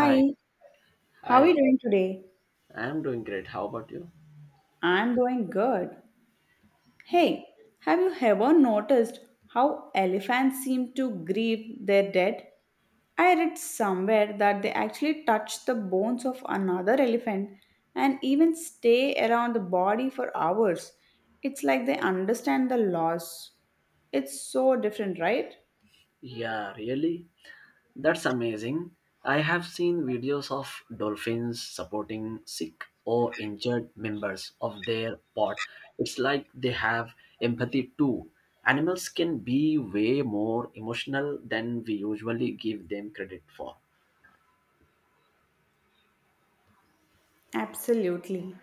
Hi. how are you Hi, doing today? I'm doing great. How about you? I'm doing good. Hey, have you ever noticed how elephants seem to grieve their dead? I read somewhere that they actually touch the bones of another elephant and even stay around the body for hours. It's like they understand the loss. It's so different, right? Yeah, really? That's amazing. I have seen videos of dolphins supporting sick or injured members of their pod. It's like they have empathy too. Animals can be way more emotional than we usually give them credit for. Absolutely.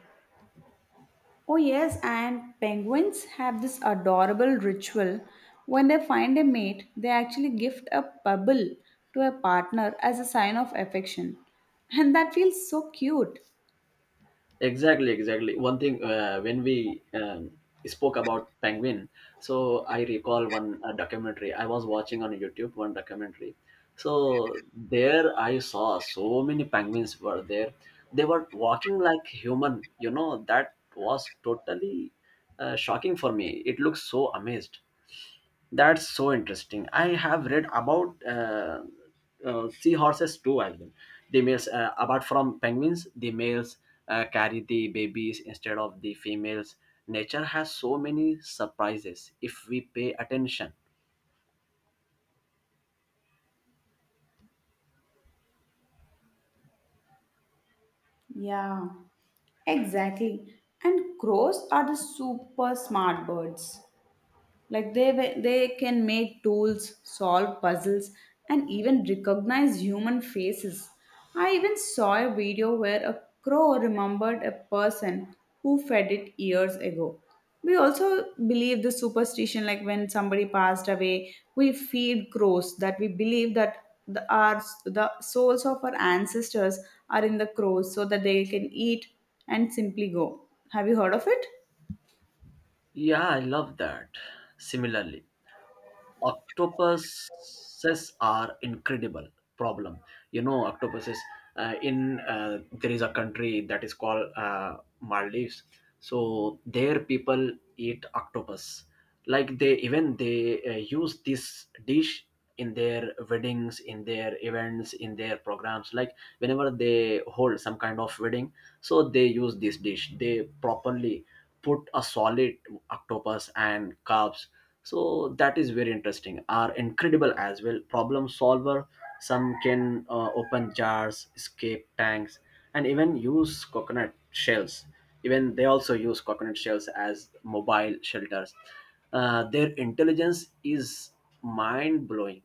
Oh, yes, and penguins have this adorable ritual. When they find a mate, they actually gift a pebble to a partner as a sign of affection. And that feels so cute. Exactly, exactly. One thing, when we spoke about penguin, so I recall one documentary I was watching on YouTube. One documentary, so there I saw so many penguins were there. They were walking like human. You know that was totally shocking for me. It looks so amazed. That's so interesting. I have read about seahorses too as well. The males, apart from penguins, the males carry the babies instead of the females. Nature has so many surprises if we pay attention. Yeah, exactly. And crows are the super smart birds. Like they can make tools, solve puzzles, and even recognize human faces. I even saw a video where a crow remembered a person who fed it years ago. We also believe the superstition, like when somebody passed away we feed crows that we believe that the souls of our ancestors are in the crows so that they can eat and simply go. Have you heard of it? Yeah, I love that. Similarly, octopuses are incredible problem, you know, octopuses, in there is a country that is called, Maldives, so their people eat octopus, like they even they use this dish in their weddings, in their events, in their programs, like whenever they hold some kind of wedding, so they use this dish, they properly put a solid octopus and carbs. So that is very interesting, are incredible as well, problem solver. Some can open jars, escape tanks, and even use coconut shells. Even they also use coconut shells as mobile shelters. Their intelligence is mind blowing.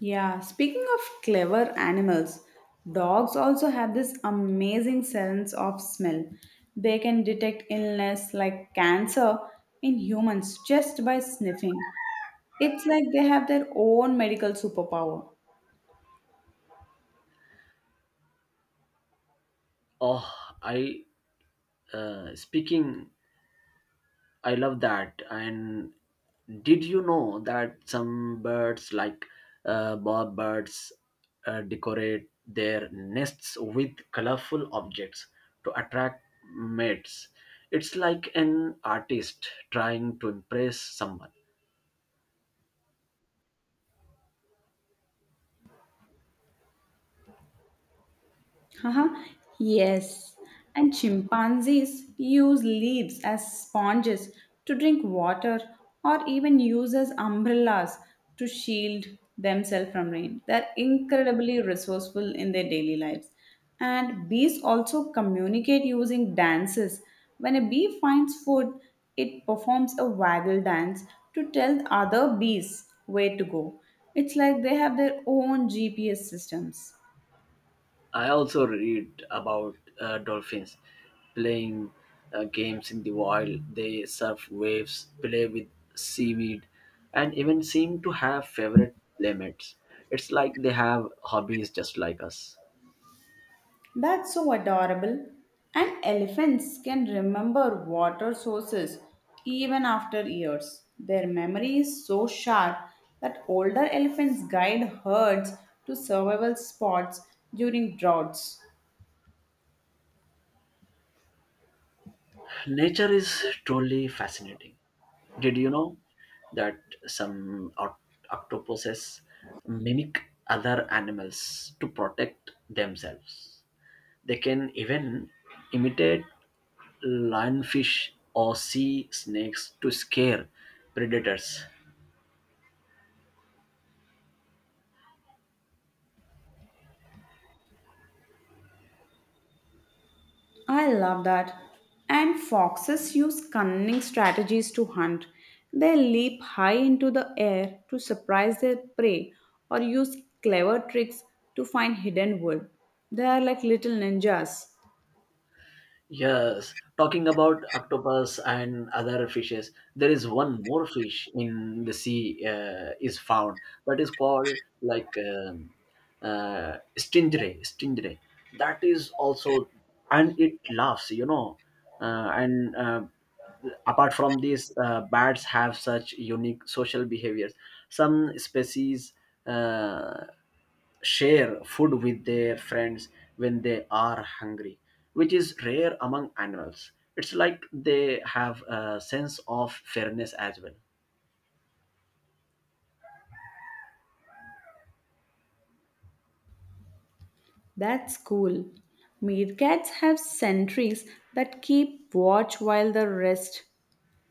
Yeah, speaking of clever animals, dogs also have this amazing sense of smell. They can detect illness like cancer in humans just by sniffing. It's like they have their own medical superpower. Oh, I, speaking, I love that. And did you know that some birds, like, bob birds, decorate their nests with colorful objects to attract mates? It's like an artist trying to impress someone. Haha, yes. And chimpanzees use leaves as sponges to drink water or even use as umbrellas to shield themselves from rain. They're incredibly resourceful in their daily lives. And bees also communicate using dances. When a bee finds food, it performs a waggle dance to tell other bees where to go. It's like they have their own GPS systems. I also read about dolphins playing games in the wild. They surf waves, play with seaweed, and even seem to have favorite playmates. It's like they have hobbies just like us. That's so adorable. And elephants can remember water sources even after years. Their memory is so sharp that older elephants guide herds to survival spots during droughts. Nature is truly fascinating. Did you know that some oct- octopuses mimic other animals to protect themselves? They can even imitate lionfish or sea snakes to scare predators. I love that. And foxes use cunning strategies to hunt. They leap high into the air to surprise their prey or use clever tricks to find hidden wood. They are like little ninjas. Yes, talking about octopus and other fishes, there is one more fish in the sea, is found, that is called, like, stingray. Stingray, that is also, and it laughs, you know, and apart from this, bats have such unique social behaviors. Some species. Uh, Share food with their friends when they are hungry, which is rare among animals. It's like they have a sense of fairness as well. That's cool. Meerkats have sentries that keep watch while the rest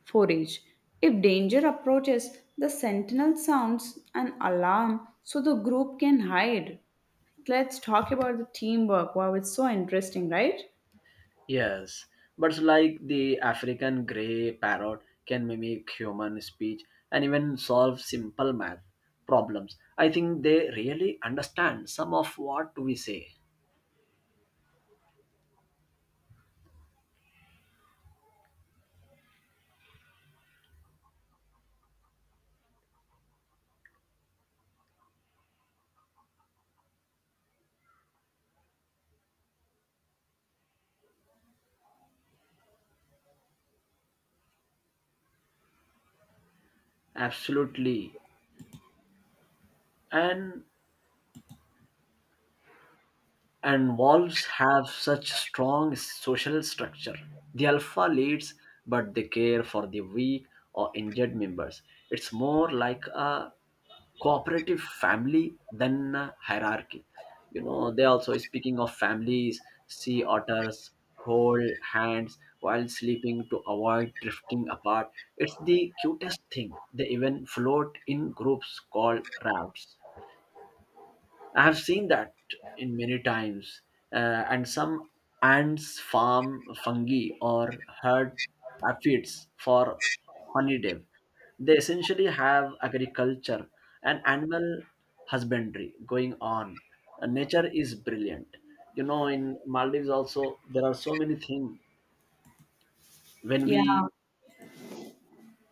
forage. If danger approaches, the sentinel sounds an alarm so the group can hide. Let's talk about the teamwork. Wow, it's so interesting, right? Yes, but like the African grey parrot can mimic human speech and even solve simple math problems. I think they really understand some of what we say. Absolutely. And and wolves have such strong social structure. The alpha leads, but they care for the weak or injured members. It's more like a cooperative family than a hierarchy. You know, they also, speaking of families, sea otters hold hands while sleeping to avoid drifting apart. It's the cutest thing. They even float in groups called rafts. I have seen that in many times, and some ants farm fungi or herd aphids for honeydew. They essentially have agriculture and animal husbandry going on. Nature is brilliant. You know, in Maldives also there are so many things. When Yeah, we,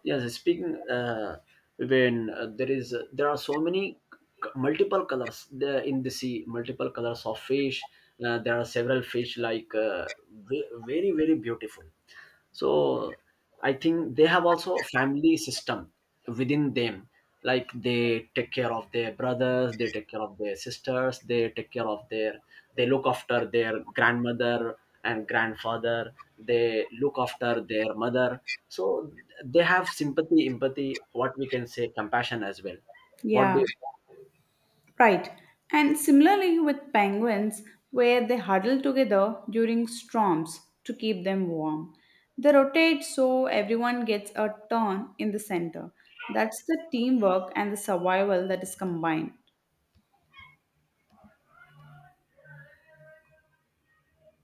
yes, speaking, when there is, there are so many multiple colors there in the sea, multiple colors of fish. There are several fish, like, very very beautiful. So I think they have also a family system within them. Like, they take care of their brothers, they take care of their sisters, they take care of their, they look after their grandmother and grandfather, they look after their mother. So they have sympathy, empathy, what we can say, compassion as well. What do yeah. you? Right. And similarly with penguins, where they huddle together during storms to keep them warm. They rotate so everyone gets a turn in the center. That's the teamwork and the survival that is combined.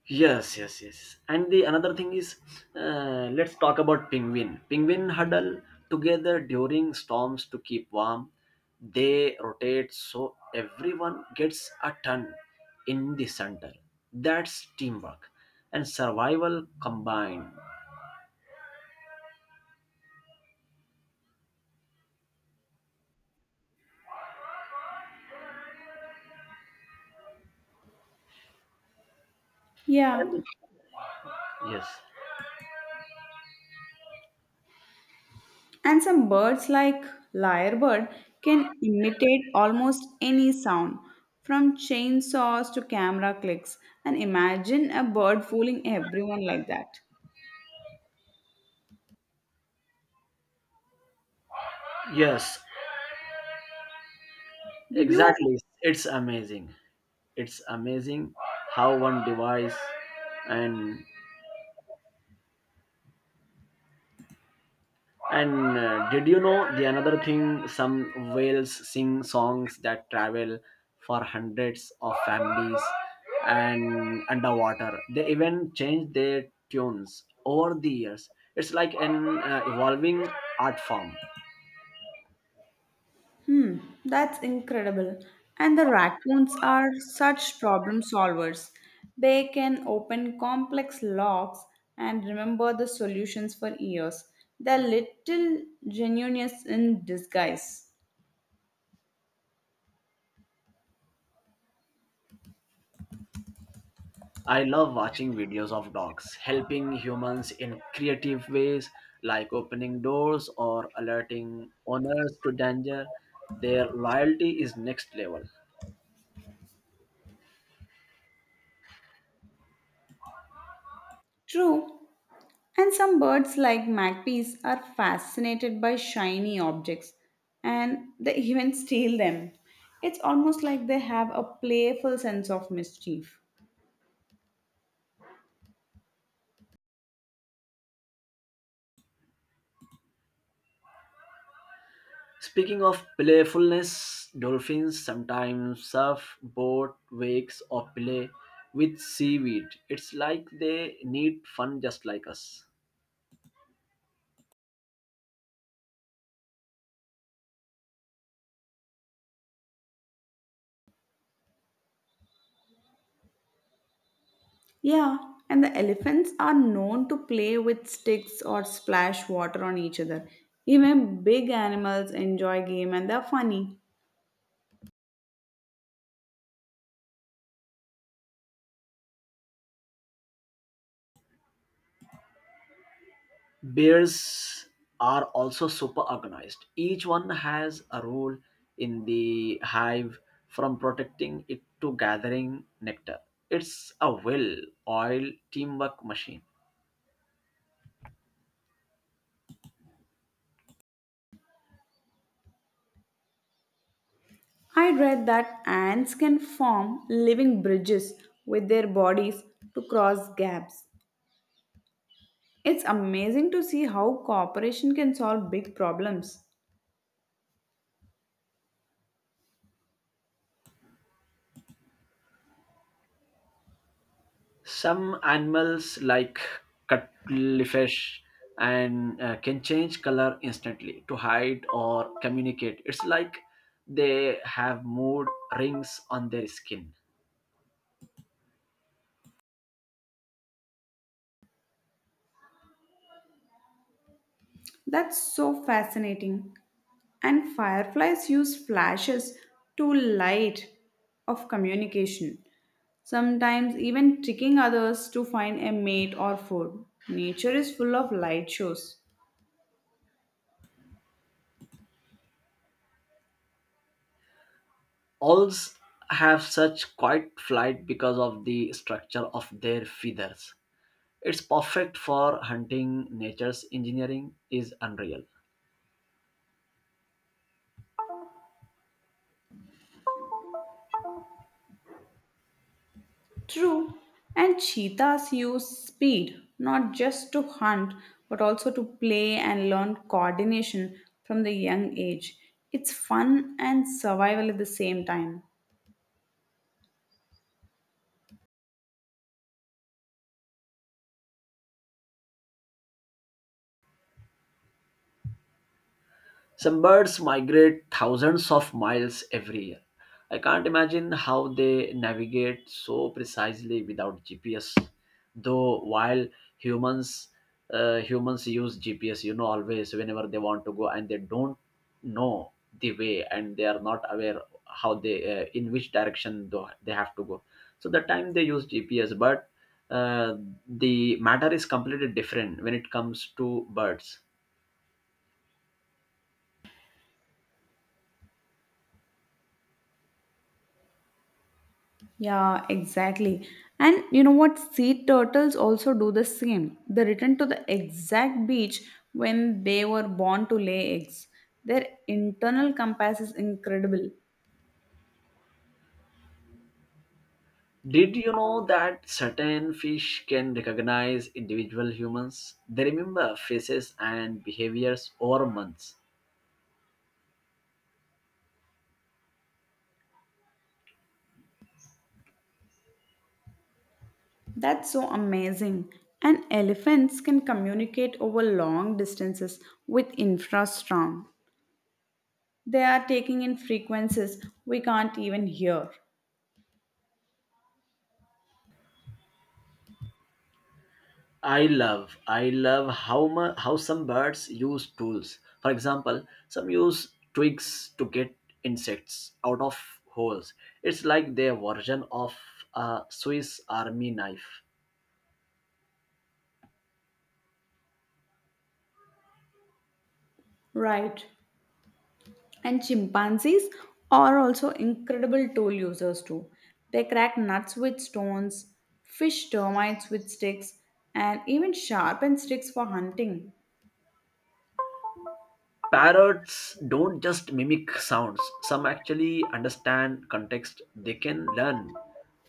Yes, yes, yes. And the another thing is, let's talk about penguin. Penguin huddle together during storms to keep warm. They rotate so everyone gets a turn in the center. That's teamwork and survival combined. Yeah. And yes, And some birds like lyrebird can imitate almost any sound from chainsaws to camera clicks, and imagine a bird fooling everyone like that. yes, Did you— exactly. It's amazing. It's amazing how one device and. And did you know the another thing? Some whales sing songs that travel for hundreds of families and underwater. They even change their tunes over the years. It's like an evolving art form. Hmm, that's incredible. And the raccoons are such problem solvers. They can open complex locks and remember the solutions for years. They're little genius in disguise. I love watching videos of dogs helping humans in creative ways, like opening doors or alerting owners to danger. Their loyalty is next level. True, and some birds like magpies are fascinated by shiny objects and they even steal them. It's almost like they have a playful sense of mischief. Speaking of playfulness, dolphins sometimes surf board wakes or play with seaweed. It's like they need fun just like us. Yeah, and the elephants are known to play with sticks or splash water on each other. Even big animals enjoy game and they're funny. Bears are also super organized. Each one has a role in the hive, from protecting it to gathering nectar. It's a well oiled teamwork machine. I read that ants can form living bridges with their bodies to cross gaps. It's amazing to see how cooperation can solve big problems. Some animals, like cuttlefish, and can change color instantly to hide or communicate. It's like they have mood rings on their skin. That's so fascinating. And fireflies use flashes to light of communication, sometimes even tricking others to find a mate or food. Nature is full of light shows. Owls have such quiet flight because of the structure of their feathers. It's perfect for hunting. Nature's engineering is unreal. True. And cheetahs use speed not just to hunt but also to play and learn coordination from the young age. It's fun and survival at the same time. Some birds migrate thousands of miles every year. I can't imagine how they navigate so precisely without GPS. Though while humans humans use GPS, you know, always whenever they want to go, and they don't know the way and they are not aware how they, in which direction they have to go. So the time they use GPS, but uh, the matter is completely different when it comes to birds. Yeah, exactly. And you know what? Sea turtles also do the same. They return to the exact beach when they were born to lay eggs. Their internal compass is incredible. Did you know that certain fish can recognize individual humans? They remember faces and behaviors over months. That's so amazing. And elephants can communicate over long distances with infrasound. They are taking in frequencies we can't even hear. I love how some birds use tools. For example, some use twigs to get insects out of holes. It's like their version of a Swiss Army knife. Right. And chimpanzees are also incredible tool users too. They crack nuts with stones, fish termites with sticks, and even sharpen sticks for hunting. Parrots don't just mimic sounds. Some actually understand context. They can learn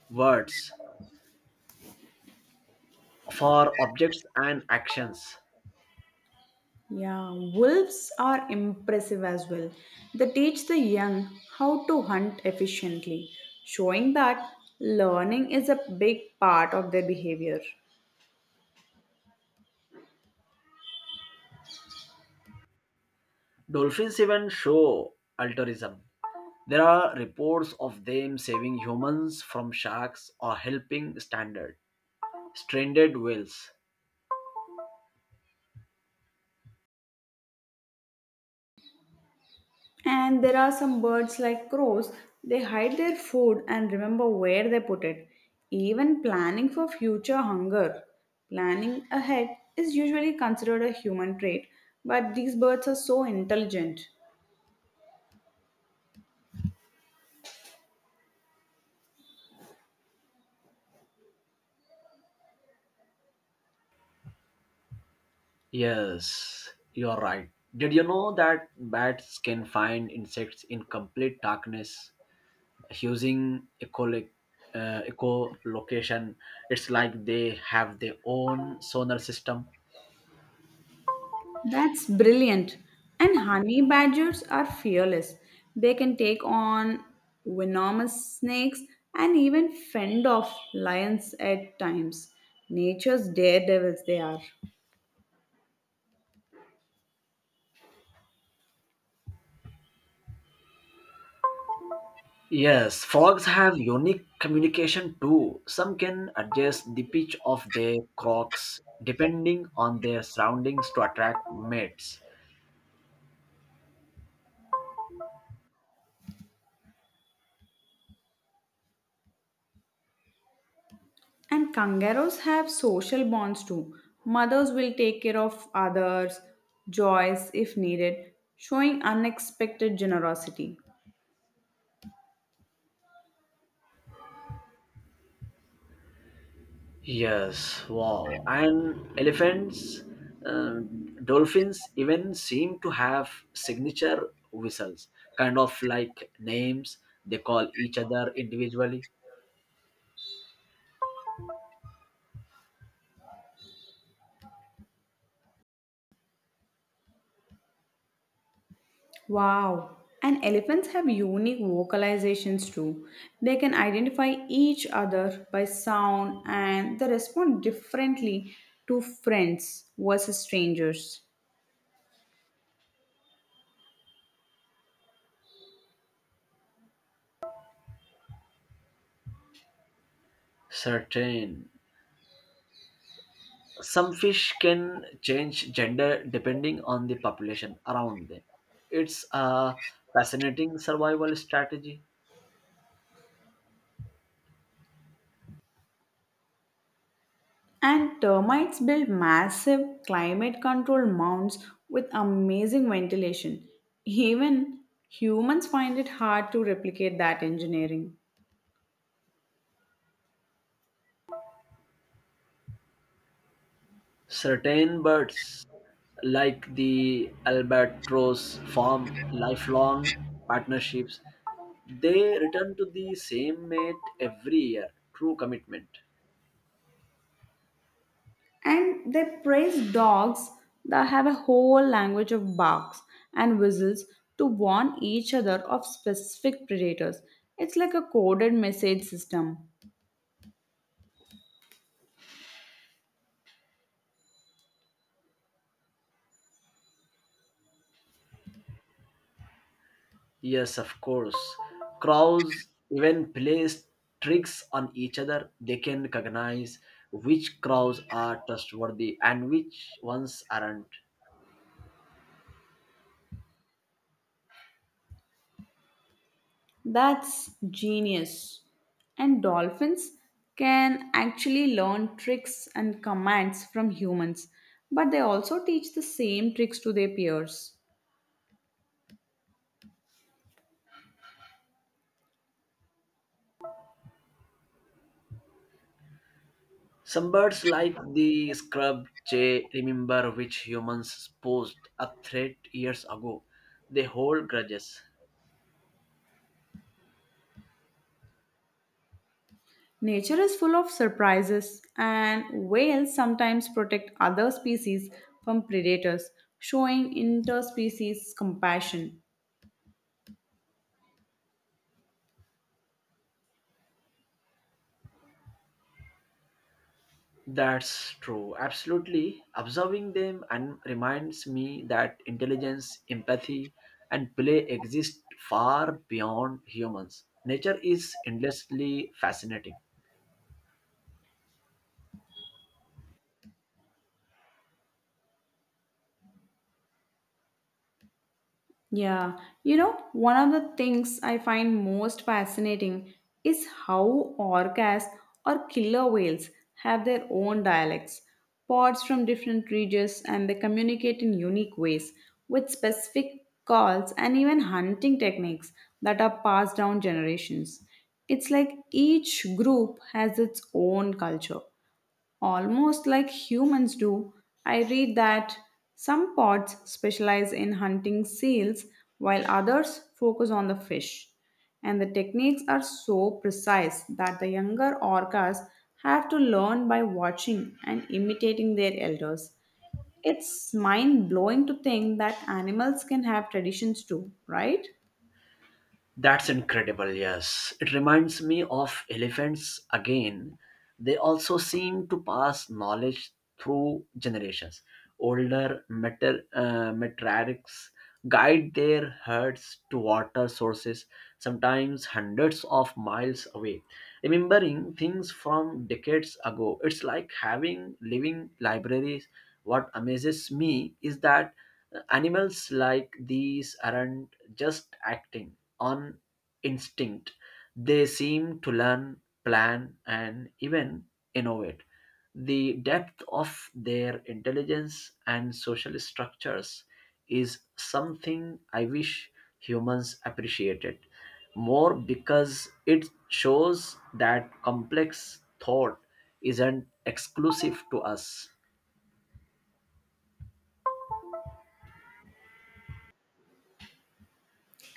words for objects and actions. Yeah, wolves are impressive as well. They teach the young how to hunt efficiently, showing that learning is a big part of their behavior. Dolphins even show altruism. There are reports of them saving humans from sharks or helping standard stranded whales. And there are some birds like crows, they hide their food and remember where they put it. Even planning for future hunger, planning ahead is usually considered a human trait, but these birds are so intelligent. Yes, you are right. Did you know that bats can find insects in complete darkness using echolocation? It's like they have their own sonar system. That's brilliant. And honey badgers are fearless. They can take on venomous snakes and even fend off lions at times. Nature's daredevils, they are. Yes, frogs have unique communication too. Some can adjust the pitch of their croaks depending on their surroundings to attract mates. And kangaroos have social bonds too. Mothers will take care of others' joys if needed, showing unexpected generosity. Yes, wow. And elephants, uh, dolphins even seem to have signature whistles, kind of like names they call each other individually. Wow! And elephants have unique vocalizations too. They can identify each other by sound and they respond differently to friends versus strangers. Certain. Some fish can change gender depending on the population around them. It's a fascinating survival strategy. And termites build massive climate control mounds with amazing ventilation. Even humans find it hard to replicate that engineering. Certain birds, like the albatross, form lifelong partnerships. They return to the same mate every year. True commitment. And they praise dogs that have a whole language of barks and whistles to warn each other of specific predators. It's like a coded message system. Yes, of course. Crows even play tricks on each other. They can recognize which crows are trustworthy and which ones aren't. That's genius. And dolphins can actually learn tricks and commands from humans, but they also teach the same tricks to their peers. Some birds, like the scrub jay, remember which humans posed a threat years ago. They hold grudges. Nature is full of surprises, and whales sometimes protect other species from predators, showing interspecies compassion. That's true, absolutely. Observing them and reminds me that intelligence, empathy, and play exist far beyond humans. Nature is endlessly fascinating. Yeah, you know, one of the things I find most fascinating is how orcas or killer whales have their own dialects, pods from different regions, and they communicate in unique ways with specific calls and even hunting techniques that are passed down generations. It's like each group has its own culture, almost like humans do. I read that some pods specialize in hunting seals while others focus on the fish. And the techniques are so precise that the younger orcas have to learn by watching and imitating their elders. It's mind blowing to think that animals can have traditions too, right? That's incredible, yes. It reminds me of elephants again. They also seem to pass knowledge through generations. Older matriarchs guide their herds to water sources, sometimes hundreds of miles away. Remembering things from decades ago, it's like having living libraries. What amazes me is that animals like these aren't just acting on instinct. They seem to learn, plan, and even innovate. The depth of their intelligence and social structures is something I wish humans appreciated more, because it shows that complex thought isn't exclusive to us.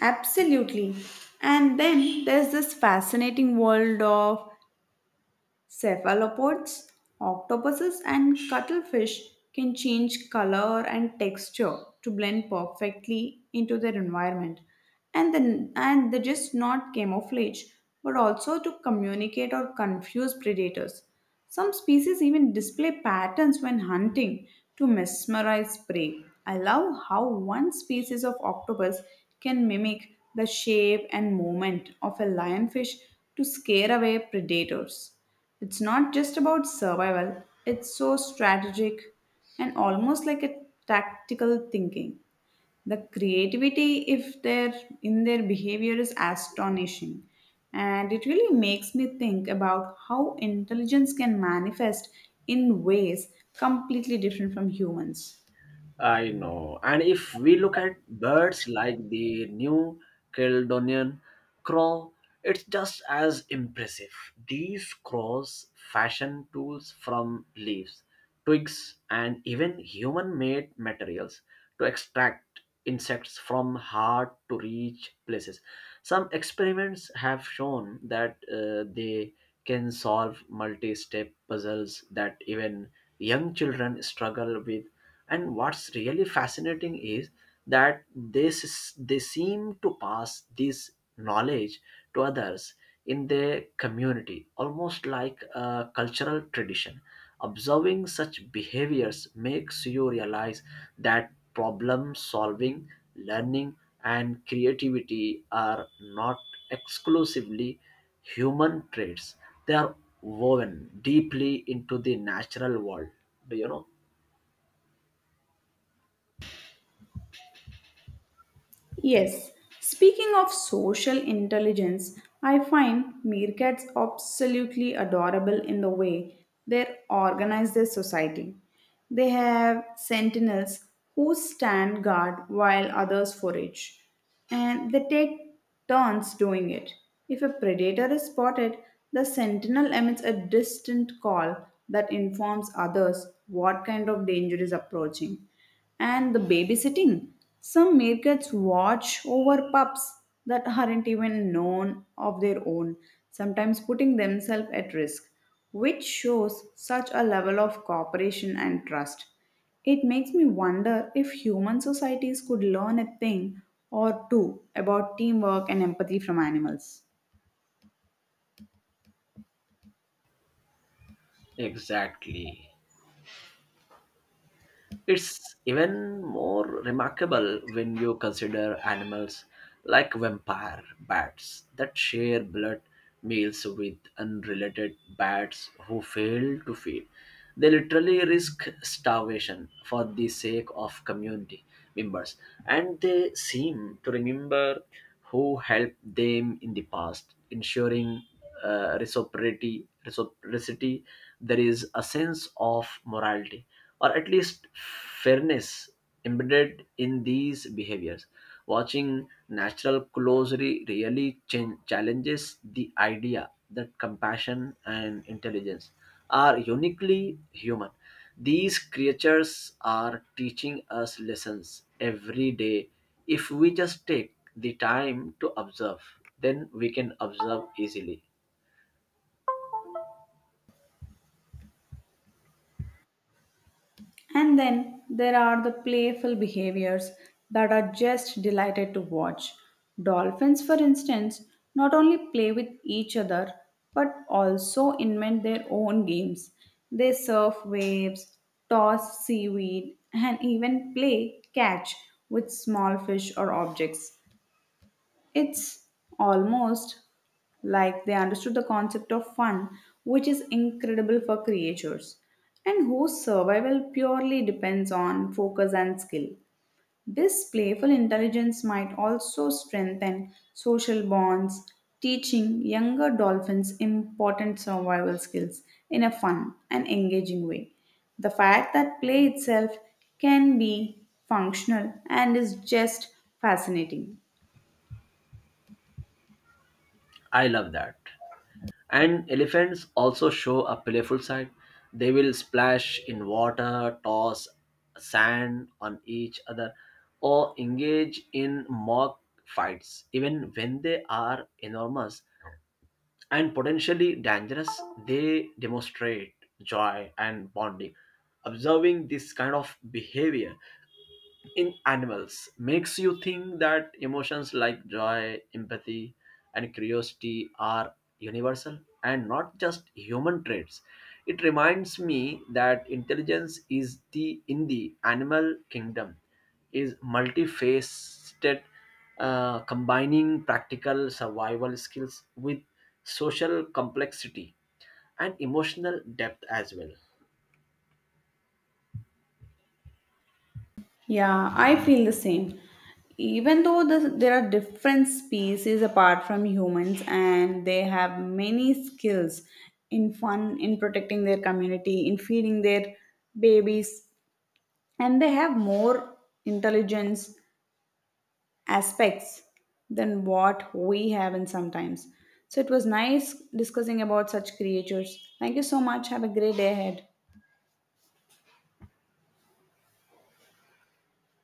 Absolutely. And then there's this fascinating world of Cephalopods, octopuses, and cuttlefish can change color and texture to blend perfectly into their environment. And they just not camouflage but also to communicate or confuse predators. Some species even display patterns when hunting to mesmerize prey. I love how one species of octopus can mimic the shape and movement of a lionfish to scare away predators. It's not just about survival, it's so strategic and almost like a tactical thinking. The creativity if their in their behavior is astonishing, and it really makes me think about how intelligence can manifest in ways completely different from humans. I know. And if we look at birds like the New Caledonian crow, it's just as impressive. These crows fashion tools from leaves, twigs, and even human made materials to extract insects from hard to reach places. Some experiments have shown that they can solve multi step puzzles that even young children struggle with. And what's really fascinating is that they seem to pass this knowledge to others in their community, almost like a cultural tradition. Observing such behaviors makes you realize that problem solving, learning, and creativity are not exclusively human traits. They are woven deeply into the natural world. Do you know? Yes, speaking of social intelligence, I find meerkats absolutely adorable in the way they organize their society. They have sentinels who stand guard while others forage, and they take turns doing it. If a predator is spotted, the sentinel emits a distant call that informs others what kind of danger is approaching. And the babysitting. Some meerkats watch over pups that aren't even known of their own, sometimes putting themselves at risk, which shows such a level of cooperation and trust. It makes me wonder if human societies could learn a thing or two about teamwork and empathy from animals. Exactly. It's even more remarkable when you consider animals like vampire bats that share blood meals with unrelated bats who fail to feed. They literally risk starvation for the sake of community members, and they seem to remember who helped them in the past, ensuring reciprocity. There is a sense of morality or at least fairness embedded in these behaviors. Watching natural closely really challenges the idea that compassion and intelligence are uniquely human. These creatures are teaching us lessons every day if we just take the time to observe. Then we can observe easily. And then there are the playful behaviors that are just delighted to watch. Dolphins, for instance, not only play with each other but also invent their own games. They surf waves, toss seaweed, and even play catch with small fish or objects. It's almost like they understood the concept of fun, which is incredible for creatures, and whose survival purely depends on focus and skill. This playful intelligence might also strengthen social bonds, teaching younger dolphins important survival skills in a fun and engaging way. The fact that play itself can be functional and is just fascinating. I love that. And elephants also show a playful side. They will splash in water, toss sand on each other, or engage in mock fights. Even when they are enormous and potentially dangerous, they demonstrate joy and bonding. Observing this kind of behavior in animals makes you think that emotions like joy, empathy, and curiosity are universal and not just human traits. It reminds me that intelligence is the in the animal kingdom is multifaceted, combining practical survival skills with social complexity and emotional depth as well. Yeah, I feel the same. Even though there are different species apart from humans and they have many skills in fun, in protecting their community, in feeding their babies, and they have more intelligence aspects than what we have in sometimes. So it was nice discussing about such creatures. Thank you so much. Have a great day ahead.